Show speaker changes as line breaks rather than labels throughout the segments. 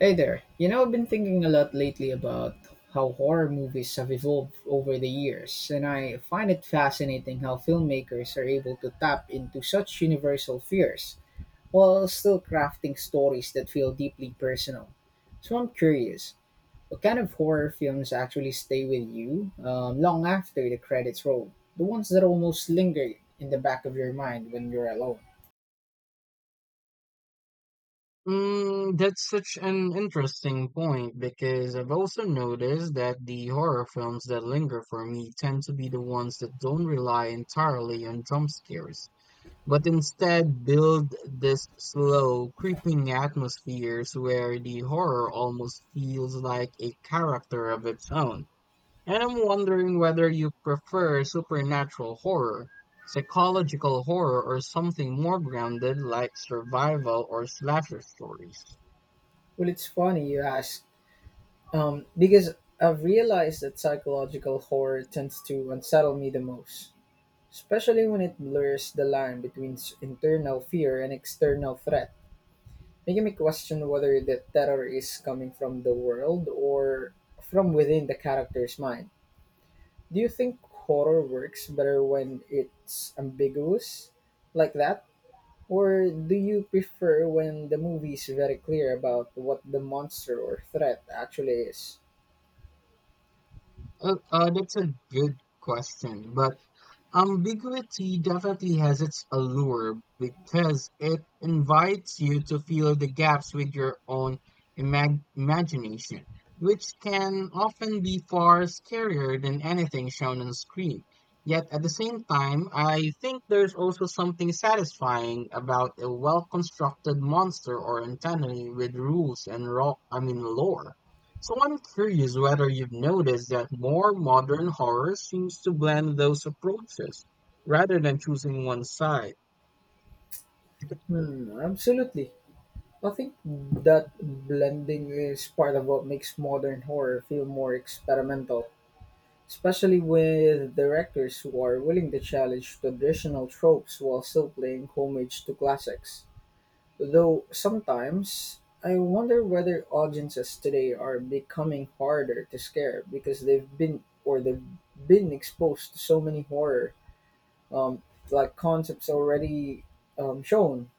Hey there. You know, I've been thinking a lot lately about how horror movies have evolved over the years, and I find it fascinating how filmmakers are able to tap into such universal fears while still crafting stories that feel deeply personal. So I'm curious, what kind of horror films actually stay with you long after the credits roll? The ones that almost linger in the back of your mind when you're alone.
Mm, that's such an interesting point because I've also noticed that the horror films that linger for me tend to be the ones that don't rely entirely on jump scares, but instead build this slow, creeping atmospheres where the horror almost feels like a character of its own. And I'm wondering whether you prefer supernatural horror, psychological horror, or something more grounded like survival or slasher stories.
Well, it's funny you ask. Because I've realized that psychological horror tends to unsettle me the most, especially when it blurs the line between internal fear and external threat, making me question whether the terror is coming from the world or from within the character's mind. Do you think horror works better when it's ambiguous like that? Or do you prefer when the movie is very clear about what the monster or threat actually is?
That's a good question, but ambiguity definitely has its allure because it invites you to fill the gaps with your own imagination, which can often be far scarier than anything shown on screen. Yet at the same time, I think there's also something satisfying about a well-constructed monster or antagony with rules and raw, I mean, lore. So I'm curious whether you've noticed that more modern horror seems to blend those approaches rather than choosing one side.
Hmm, absolutely. I think that blending is part of what makes modern horror feel more experimental, especially with directors who are willing to challenge traditional tropes while still playing homage to classics. Though sometimes, I wonder whether audiences today are becoming harder to scare because they've been exposed to so many horror um, like concepts already, shown.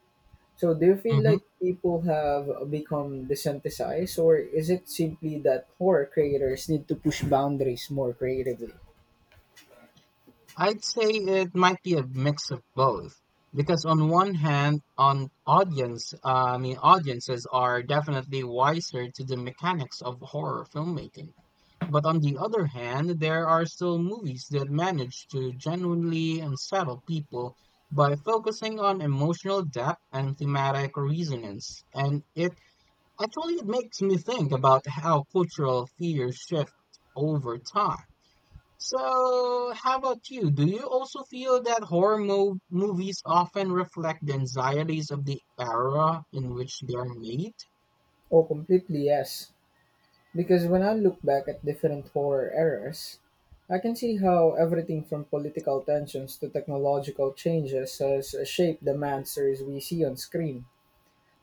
So, do you feel
Mhm.
like people have become desensitized, or is it simply that horror creators need to push boundaries more creatively?
I'd say it might be a mix of both, because on one hand, I mean, audiences are definitely wiser to the mechanics of horror filmmaking. But on the other hand, there are still movies that manage to genuinely unsettle people by focusing on emotional depth and thematic resonance. And it actually it makes me think about how cultural fears shift over time. So, how about you? Do you also feel that horror mo movies often reflect the anxieties of the era in which they are made?
Oh, completely yes. Because when I look back at different horror eras, I can see how everything from political tensions to technological changes has shaped the monsters we see on screen.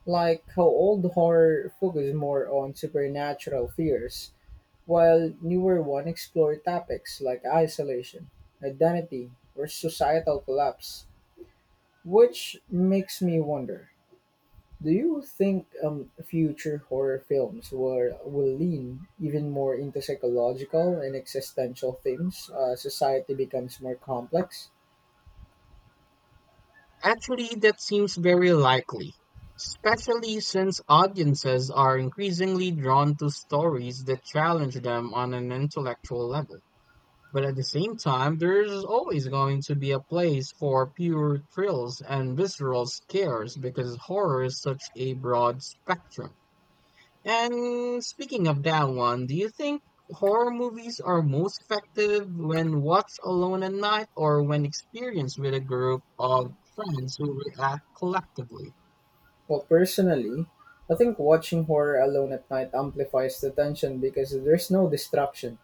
Like how old horror focused more on supernatural fears, while newer ones explore topics like isolation, identity, or societal collapse. Which makes me wonder, do you think future horror films will lean even more into psychological and existential themes as society becomes more complex?
Actually, that seems very likely, especially since audiences are increasingly drawn to stories that challenge them on an intellectual level. But at the same time, there's always going to be a place for pure thrills and visceral scares because horror is such a broad spectrum. And speaking of that one, do you think horror movies are most effective when watched alone at night or when experienced with a group of friends who react collectively?
Well, personally, I think watching horror alone at night amplifies the tension because there's no distraction,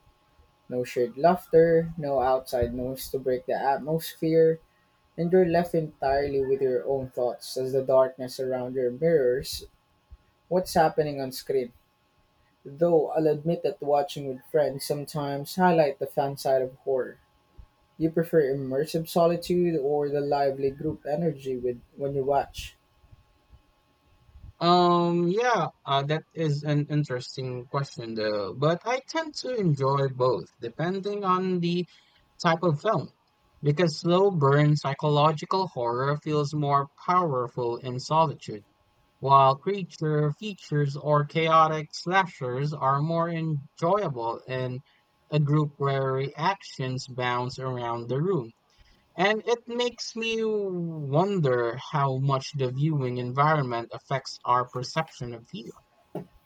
no shared laughter, no outside noise to break the atmosphere, and you're left entirely with your own thoughts as the darkness around your mirrors what's happening on screen. Though I'll admit that watching with friends sometimes highlight the fan side of horror. You prefer immersive solitude or the lively group energy with when you watch?
Yeah, that is an interesting question though, but I tend to enjoy both depending on the type of film because slow burn psychological horror feels more powerful in solitude while creature features or chaotic slashers are more enjoyable in a group where reactions bounce around the room. And it makes me wonder how much the viewing environment affects our perception of fear.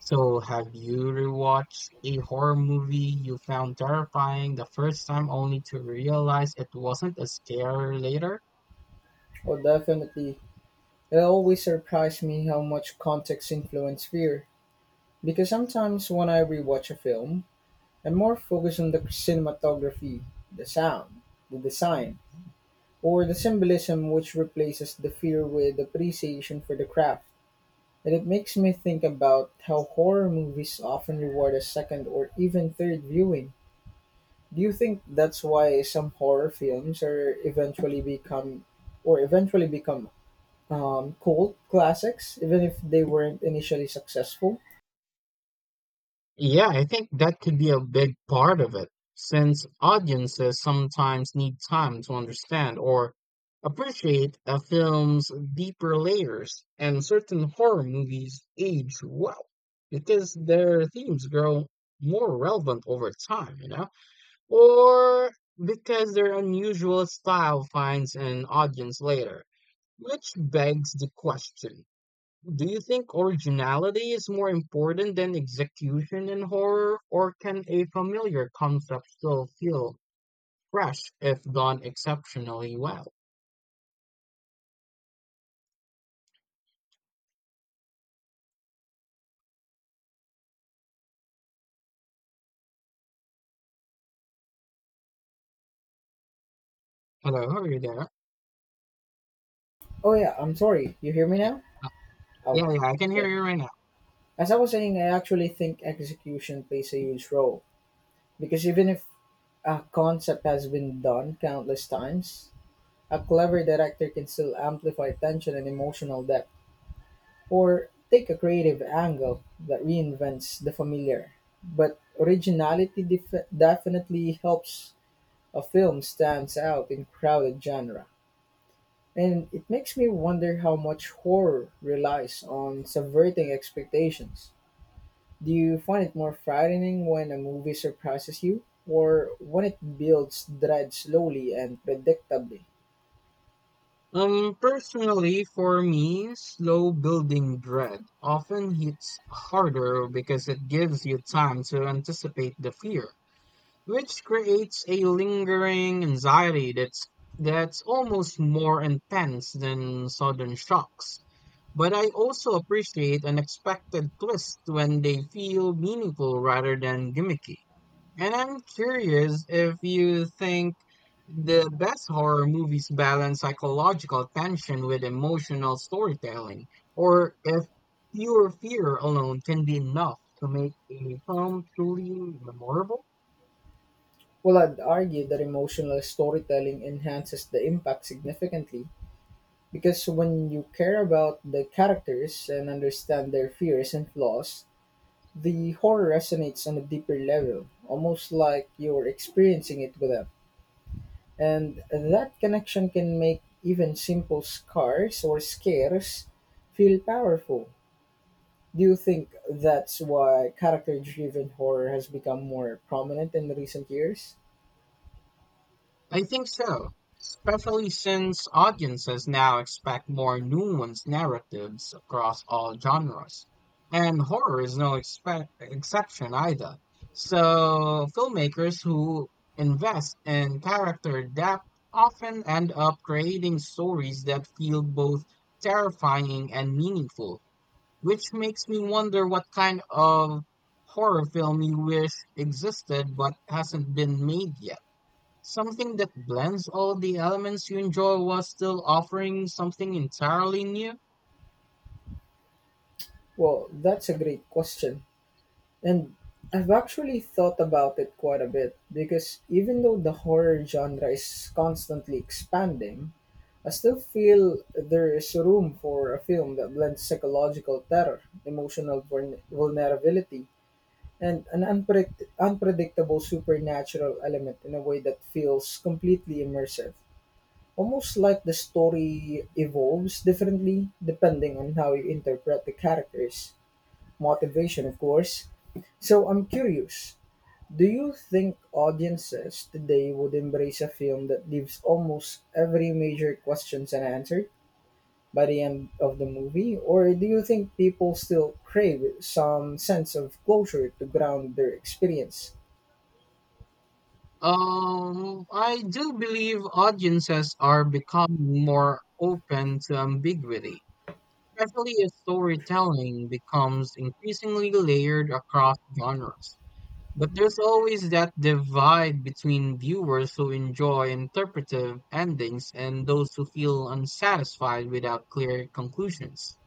So, have you rewatched a horror movie you found terrifying the first time only to realize it wasn't as scary later?
Well, definitely. It always surprised me how much context influences fear. Because sometimes when I rewatch a film, I'm more focused on the cinematography, the sound, the design, or the symbolism which replaces the fear with appreciation for the craft. And it makes me think about how horror movies often reward a second or even third viewing. Do you think that's why some horror films are eventually become or eventually become cult classics, even if they weren't initially successful?
Yeah, I think that could be a big part of it, since audiences sometimes need time to understand or appreciate a film's deeper layers, and certain horror movies age well because their themes grow more relevant over time, you know, or because their unusual style finds an audience later, which begs the question. Do you think originality is more important than execution in horror, or can a familiar concept still feel fresh if done exceptionally well? Hello, are you there?
Oh yeah, I'm sorry. You hear me
Yeah,
now?
uh,
Oh,
yeah, yeah, I can
yeah.
hear you right now.
As I was saying, I actually think execution plays a huge role. Because even if a concept has been done countless times, a clever director can still amplify tension and emotional depth, or take a creative angle that reinvents the familiar. But originality definitely helps a film stands out in crowded genre. And it makes me wonder how much horror relies on subverting expectations. Do you find it more frightening when a movie surprises you, or when it builds dread slowly and predictably?
Personally, for me, slow building dread often hits harder because it gives you time to anticipate the fear, which creates a lingering anxiety that's almost more intense than sudden shocks. But I also appreciate unexpected twists when they feel meaningful rather than gimmicky. And I'm curious if you think the best horror movies balance psychological tension with emotional storytelling, or if pure fear alone can be enough to make a film truly memorable.
Well, I'd argue that emotional storytelling enhances the impact significantly because when you care about the characters and understand their fears and flaws, the horror resonates on a deeper level, almost like you're experiencing it with them. And that connection can make even simple scars or scares feel powerful. Do you think that's why character-driven horror has become more prominent in recent years?
I think so, especially since audiences now expect more nuanced narratives across all genres. And horror is no exception either. So, filmmakers who invest in character depth often end up creating stories that feel both terrifying and meaningful, which makes me wonder what kind of horror film you wish existed but hasn't been made yet. Something that blends all the elements you enjoy while still offering something entirely new.
Well, that's a great question. And I've actually thought about it quite a bit because even though the horror genre is constantly expanding, I still feel there is room for a film that blends psychological terror, emotional vulnerability, and an unpredictable supernatural element in a way that feels completely immersive. Almost like the story evolves differently depending on how you interpret the characters' motivation, of course. So I'm curious, do you think audiences today would embrace a film that leaves almost every major question unanswered by the end of the movie? Or do you think people still crave some sense of closure to ground their experience?
I do believe audiences are becoming more open to ambiguity, especially as storytelling becomes increasingly layered across genres. But there's always that divide between viewers who enjoy interpretive endings and those who feel unsatisfied without clear conclusions.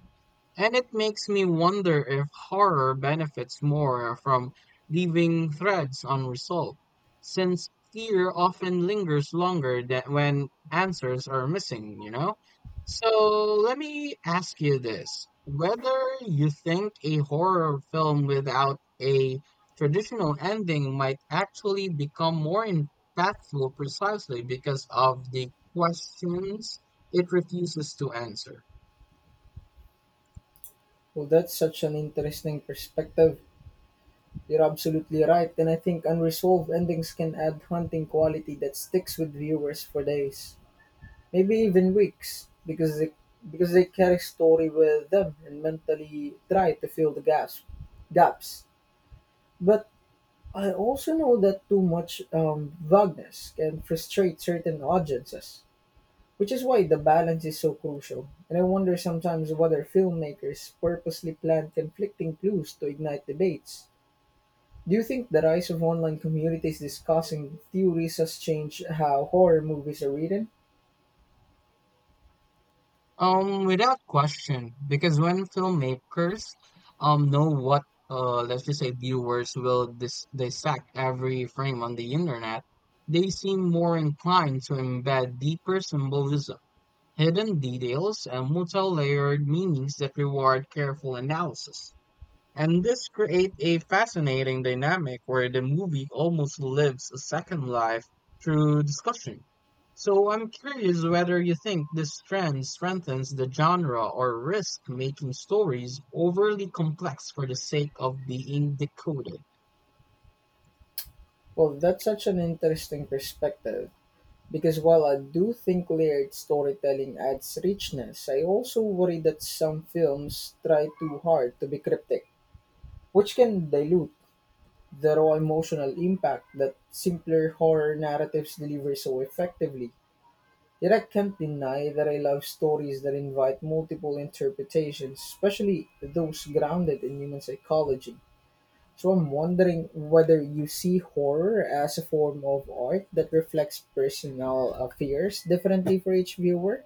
And it makes me wonder if horror benefits more from leaving threads unresolved, since fear often lingers longer than when answers are missing, you know? So let me ask you this. Whether you think a horror film without a traditional ending might actually become more impactful precisely because of the questions it refuses to answer.
Well, that's such an interesting perspective. You're absolutely right, and I think unresolved endings can add haunting quality that sticks with viewers for days, maybe even weeks, because they carry story with them and mentally try to fill the gaps. Gaps, but I also know that too much vagueness can frustrate certain audiences, which is why the balance is so crucial. And I wonder sometimes whether filmmakers purposely plant conflicting clues to ignite debates. Do you think the rise of online communities discussing theories has changed how horror movies are written?
Without question, because when filmmakers know what, let's just say viewers will dissect every frame on the internet, they seem more inclined to embed deeper symbolism, hidden details, and multi-layered meanings that reward careful analysis. And this creates a fascinating dynamic where the movie almost lives a second life through discussion. So I'm curious whether you think this trend strengthens the genre or risk making stories overly complex for the sake of being decoded.
Well, that's such an interesting perspective because while I do think layered storytelling adds richness, I also worry that some films try too hard to be cryptic, which can dilute the raw emotional impact that simpler horror narratives deliver so effectively. Yet I can't deny that I love stories that invite multiple interpretations, especially those grounded in human psychology. So I'm wondering whether you see horror as a form of art that reflects personal fears differently for each viewer,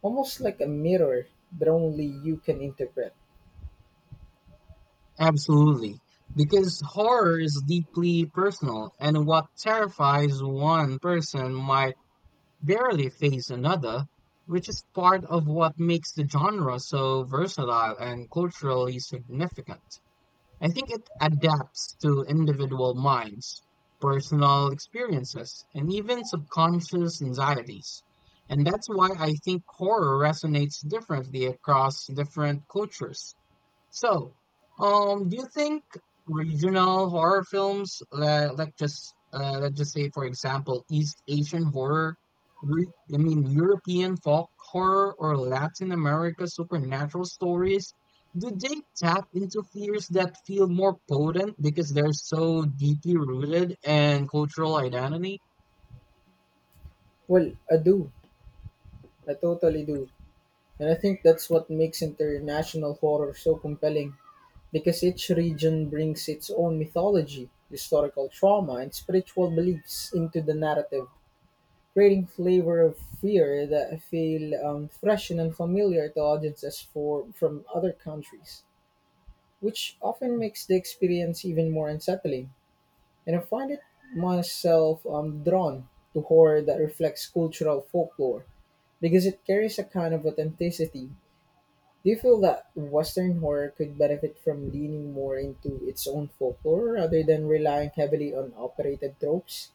almost like a mirror that only you can interpret.
Absolutely. Because horror is deeply personal, and what terrifies one person might barely face another, which is part of what makes the genre so versatile and culturally significant. I think it adapts to individual minds, personal experiences, and even subconscious anxieties. And that's why I think horror resonates differently across different cultures. So, do you think regional horror films, like just let's just say, for example, East Asian horror, I mean European folk horror, or Latin America supernatural stories, do they tap into fears that feel more potent because they're so deeply rooted in cultural identity?
Well, I do. I totally do. And I think that's what makes international horror so compelling. Because each region brings its own mythology, historical trauma, and spiritual beliefs into the narrative, creating flavor of fear that feel fresh and unfamiliar to audiences from other countries, which often makes the experience even more unsettling. And I find it myself drawn to horror that reflects cultural folklore because it carries a kind of authenticity. Do you feel that Western horror could benefit from leaning more into its own folklore rather than relying heavily on operated tropes?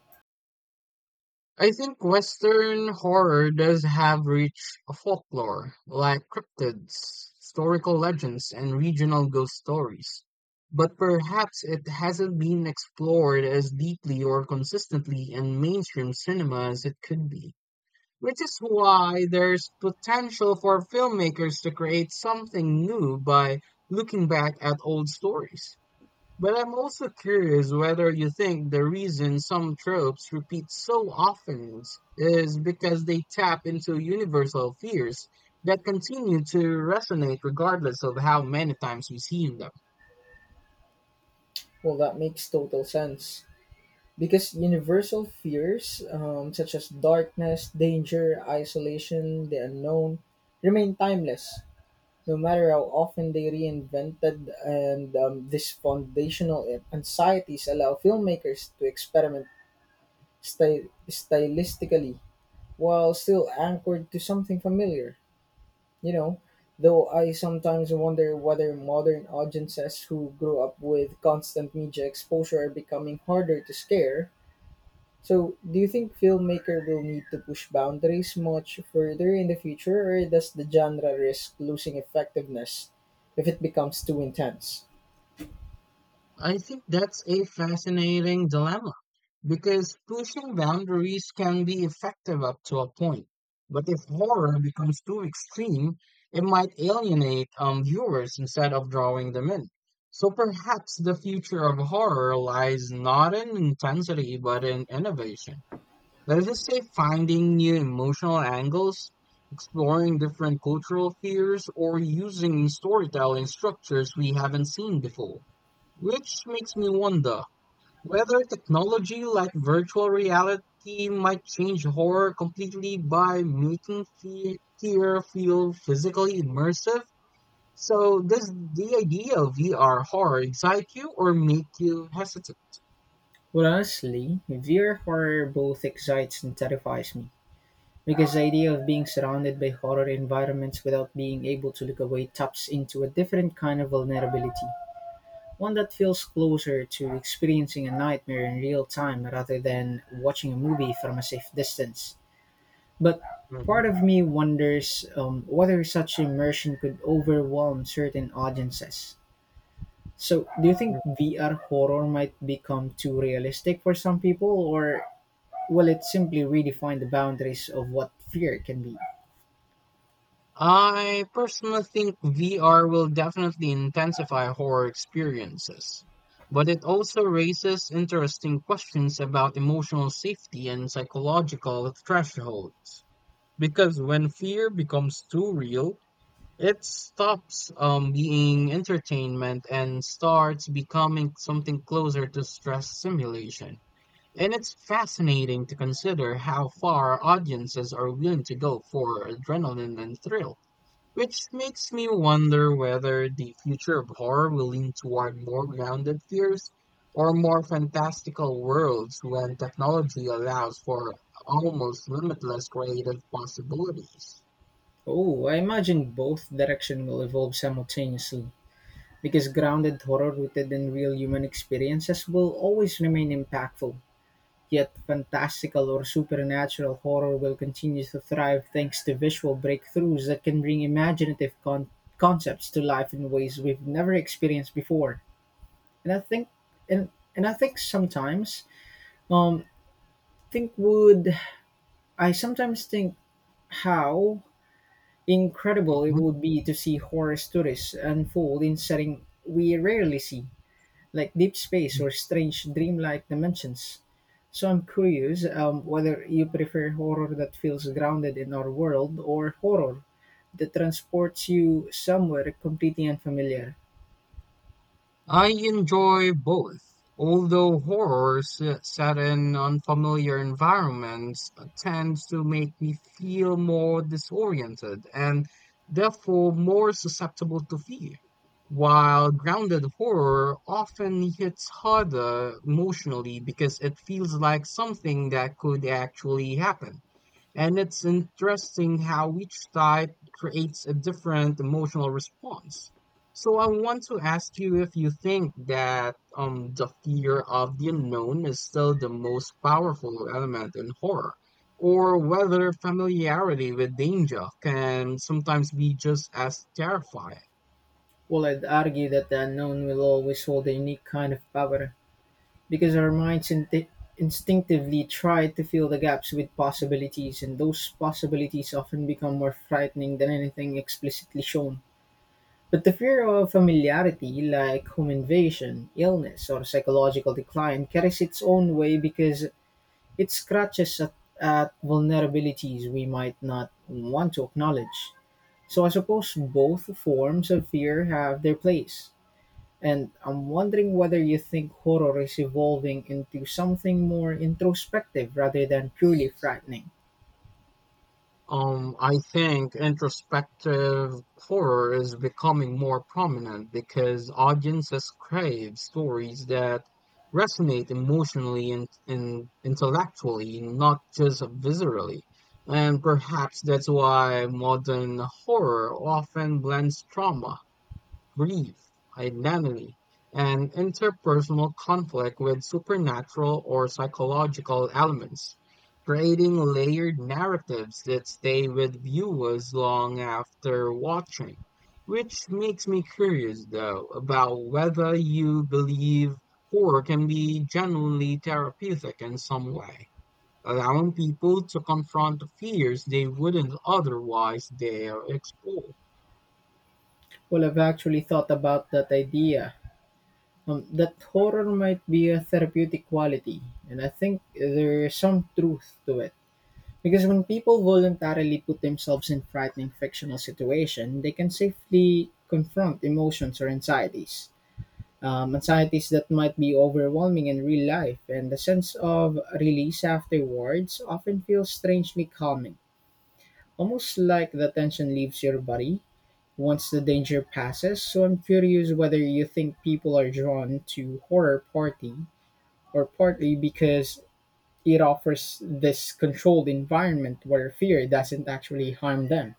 I think Western horror does have rich folklore, like cryptids, historical legends, and regional ghost stories. But perhaps it hasn't been explored as deeply or consistently in mainstream cinema as it could be. Which is why there's potential for filmmakers to create something new by looking back at old stories. But I'm also curious whether you think the reason some tropes repeat so often is because they tap into universal fears that continue to resonate regardless of how many times we see them.
Well, that makes total sense. Because universal fears, such as darkness, danger, isolation, the unknown, remain timeless, no matter how often they reinvented, and these foundational anxieties allow filmmakers to experiment stylistically while still anchored to something familiar. You know, though I sometimes wonder whether modern audiences who grew up with constant media exposure are becoming harder to scare. So, do you think filmmaker will need to push boundaries much further in the future, or does the genre risk losing effectiveness if it becomes too intense?
I think that's a fascinating dilemma because pushing boundaries can be effective up to a point. But if horror becomes too extreme, it might alienate viewers instead of drawing them in. So perhaps the future of horror lies not in intensity but in innovation. Let us just say finding new emotional angles, exploring different cultural fears, or using storytelling structures we haven't seen before. Which makes me wonder whether technology like virtual reality might change horror completely by making fear feel physically immersive. So, does the idea of VR horror excite you or make you hesitant?
Well, honestly, VR horror both excites and terrifies me. Because the idea of being surrounded by horror environments without being able to look away taps into a different kind of vulnerability. One that feels closer to experiencing a nightmare in real time rather than watching a movie from a safe distance. But
Mhm.
part of me wonders whether such immersion could overwhelm certain audiences. So, do you think VR horror might become too realistic for some people, or will it simply redefine the boundaries of what fear can be?
I personally think VR will definitely intensify horror experiences, but it also raises interesting questions about emotional safety and psychological thresholds. Because when fear becomes too real, it stops being entertainment and starts becoming something closer to stress simulation. And it's fascinating to consider how far audiences are willing to go for adrenaline and thrill. Which makes me wonder whether the future of horror will lean toward more grounded fears or more fantastical worlds when technology allows for almost limitless creative possibilities.
Oh, I imagine both direction will evolve simultaneously. Because grounded horror rooted in real human experiences will always remain impactful, yet fantastical or supernatural horror will continue to thrive thanks to visual breakthroughs that can bring imaginative concepts to life in ways we've never experienced before. And I think and and I think sometimes um think would I sometimes think how incredible it
Mhm.
would be to see horror stories unfold in setting we rarely see like deep space or strange dreamlike dimensions. So I'm curious whether you prefer horror that feels grounded in our world or horror that transports you somewhere completely unfamiliar.
I enjoy both, although horrors set in unfamiliar environments tends to make me feel more disoriented and therefore more susceptible to fear, while grounded horror often hits harder emotionally because it feels like something that could actually happen. And it's interesting how each type creates a different emotional response. So I want to ask you if you think that the fear of the unknown is still the most powerful element in horror, or whether familiarity with danger can sometimes be just as terrifying.
Well, I'd argue that the unknown will always hold a unique kind of power because our minds instinctively try to fill the gaps with possibilities, and those possibilities often become more frightening than anything explicitly shown. But the fear of familiarity, like home invasion, illness, or psychological decline, carries its own way because it scratches at vulnerabilities we might not want to acknowledge. So I suppose both forms of fear have their place. And I'm wondering whether you think horror is evolving into something more introspective rather than purely frightening.
I think introspective horror is becoming more prominent because audiences crave stories that resonate emotionally and intellectually, not just viscerally. And perhaps that's why modern horror often blends trauma, grief, identity, and interpersonal conflict with supernatural or psychological elements, creating layered narratives that stay with viewers long after watching. Which makes me curious, though, about whether you believe horror can be genuinely therapeutic in some way, allowing people to confront fears they wouldn't otherwise dare explore.
Well, I've actually thought about that idea, that horror might be a therapeutic quality, and I think there's some truth to it. Because when people voluntarily put themselves in frightening fictional situations, they can safely confront emotions or anxieties. Anxieties that might be overwhelming in real life, and the sense of release afterwards often feels strangely calming, almost like the tension leaves your body once the danger passes. So I'm curious whether you think people are drawn to horror party or partly because it offers this controlled environment where fear doesn't actually harm them.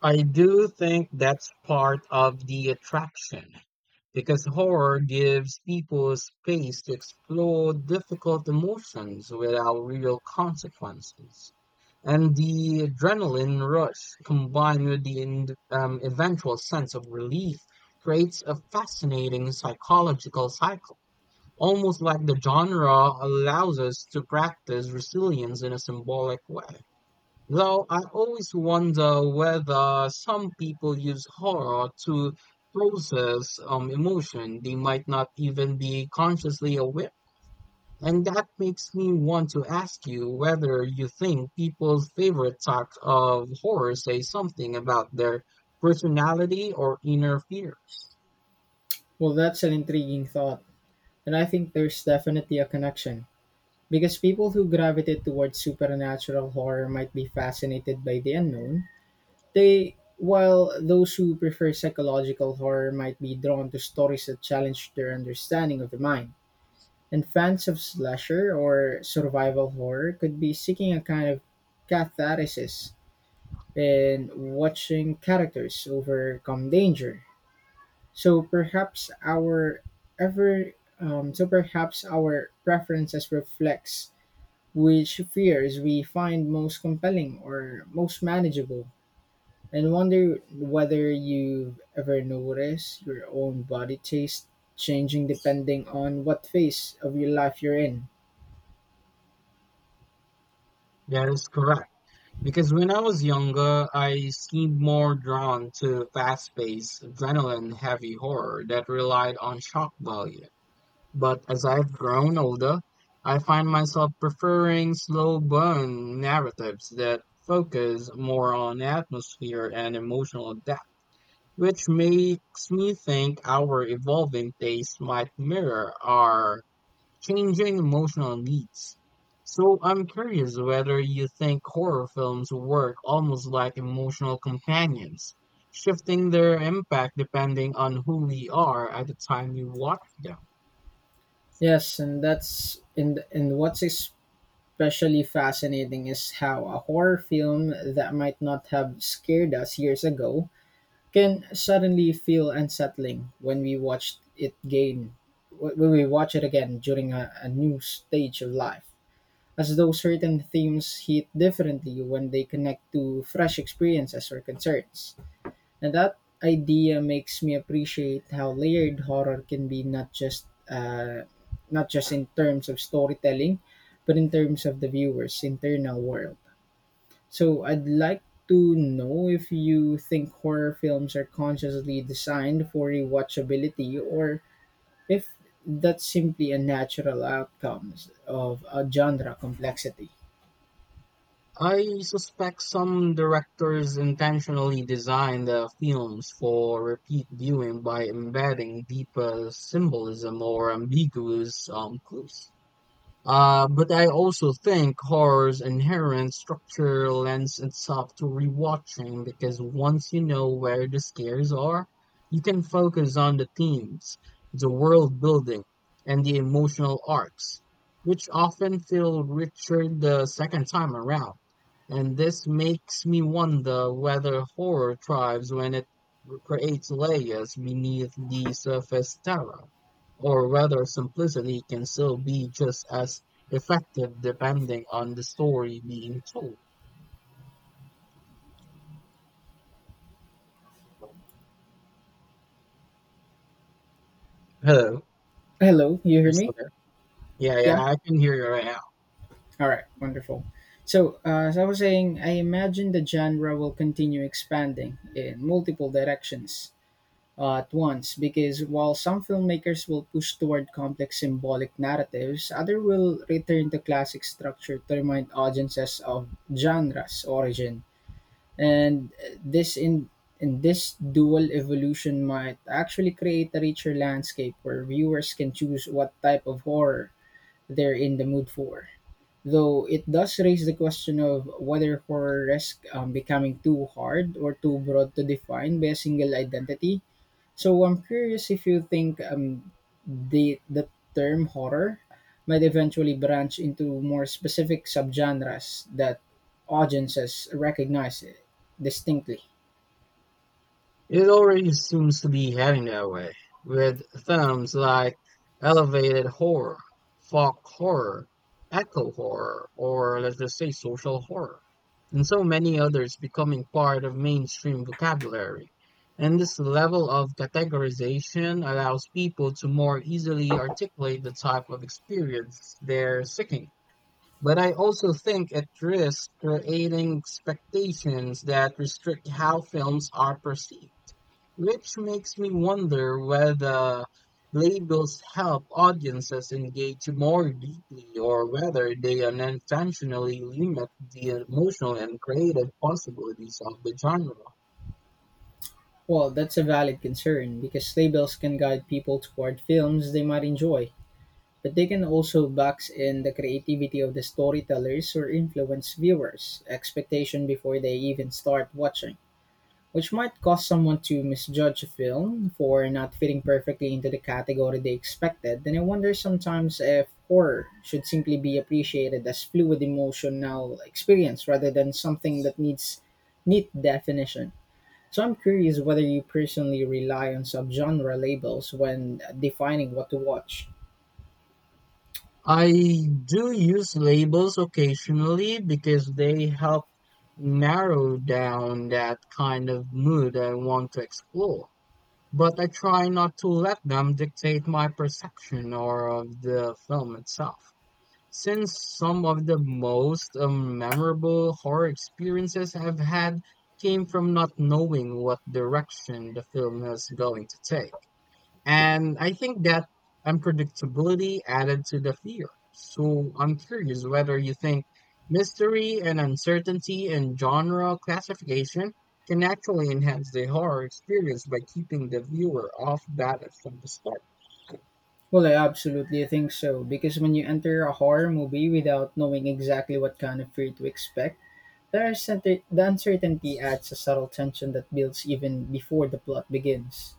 I do think that's part of the attraction because horror gives people space to explore difficult emotions without real consequences. And the adrenaline rush combined with the eventual sense of relief creates a fascinating psychological cycle, almost like the genre allows us to practice resilience in a symbolic way. Though I always wonder whether some people use horror to process emotion they might not even be consciously aware. And that makes me want to ask you whether you think people's favorite type of horror say something about their personality or inner fear.
Well, that's an intriguing thought, and I think there's definitely a connection. Because people who gravitate towards supernatural horror might be fascinated by the unknown, they while those who prefer psychological horror might be drawn to stories that challenge their understanding of the mind. And fans of slasher or survival horror could be seeking a kind of catharsis and watching characters overcome danger. So perhaps our ever so perhaps our preferences reflects which fears we find most compelling or most manageable. And wonder whether you've ever noticed your own body taste changing depending on what phase of your life you're in.
That is correct. Because when I was younger, I seemed more drawn to fast-paced, adrenaline-heavy horror that relied on shock value. But as I've grown older, I find myself preferring slow burn narratives that focus more on atmosphere and emotional depth, which makes me think our evolving tastes might mirror our changing emotional needs. So I'm curious whether you think horror films work almost like emotional companions, shifting their impact depending on who we are at the time we watch them.
Yes, and that's and what's especially fascinating is how a horror film that might not have scared us years ago can suddenly feel unsettling when we watch it again during a new stage of life. As though certain themes hit differently when they connect to fresh experiences or concerns. And that idea makes me appreciate how layered horror can be, not just not just in terms of storytelling, but in terms of the viewer's internal world. So I'd like to know if you think horror films are consciously designed for rewatchability or if that's simply a natural outcome of a genre complexity.
I suspect some directors intentionally design their films for repeat viewing by embedding deeper symbolism or ambiguous clues. But I also think horror's inherent structure lends itself to rewatching because once you know where the scares are, you can focus on the themes, the world building, and the emotional arcs, which often feel richer the second time around. And this makes me wonder whether horror thrives when it creates layers beneath the surface terror, or whether simplicity can still be just as effective depending on the story being told. Hello, are
Hello, you
you
hear
still
me?
there? Yeah,
Yeah.
yeah, I can hear you right now.
All right, wonderful. So, as I was saying, I imagine the genre will continue expanding in multiple directions at once because while some filmmakers will push toward complex symbolic narratives, others will return to classic structure to remind audiences of genre's origin. And this in this dual evolution might actually create a richer landscape where viewers can choose what type of horror they're in the mood for. Though it does raise the question of whether horror risks becoming too hard or too broad to define by a single identity. So I'm curious if you think, the term horror might eventually branch into more specific subgenres that audiences recognize distinctly.
It already seems to be heading that way, with themes like elevated horror, folk horror, eco horror, or let's just say social horror, and so many others becoming part of mainstream vocabulary. And this level of categorization allows people to more easily articulate the type of experience they're seeking. But I also think it risks creating expectations that restrict how films are perceived, which makes me wonder whether labels help audiences engage more deeply or whether they unintentionally limit the emotional and creative possibilities of the genre.
Well, that's a valid concern because labels can guide people toward films they might enjoy. But they can also box in the creativity of the storytellers or influence viewers' expectation before they even start watching, which might cause someone to misjudge a film for not fitting perfectly into the category they expected. Then I wonder sometimes if horror should simply be appreciated as fluid emotional experience rather than something that needs neat definition. So I'm curious whether you personally rely on subgenre labels when defining what to watch.
I do use labels occasionally because they help narrow down that kind of mood I want to explore. But I try not to let them dictate my perception or of the film itself. Since some of the most memorable horror experiences I've had came from not knowing what direction the film was going to take. And I think that unpredictability added to the fear. So I'm curious whether you think mystery and uncertainty and genre classification can actually enhance the horror experience by keeping the viewer off balance from the start.
Well, I absolutely think so, because when you enter a horror movie without knowing exactly what kind of fear to expect, there's the uncertainty adds a subtle tension that builds even before the plot begins.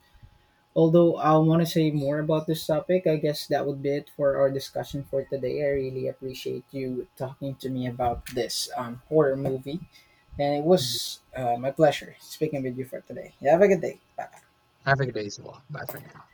Although I want to say more about this topic, I guess that would be it for our discussion for today. I really appreciate you talking to me about this horror movie, and it was my pleasure speaking with you for today. You have a good day. Bye.
Have a good day, as well. Bye for now.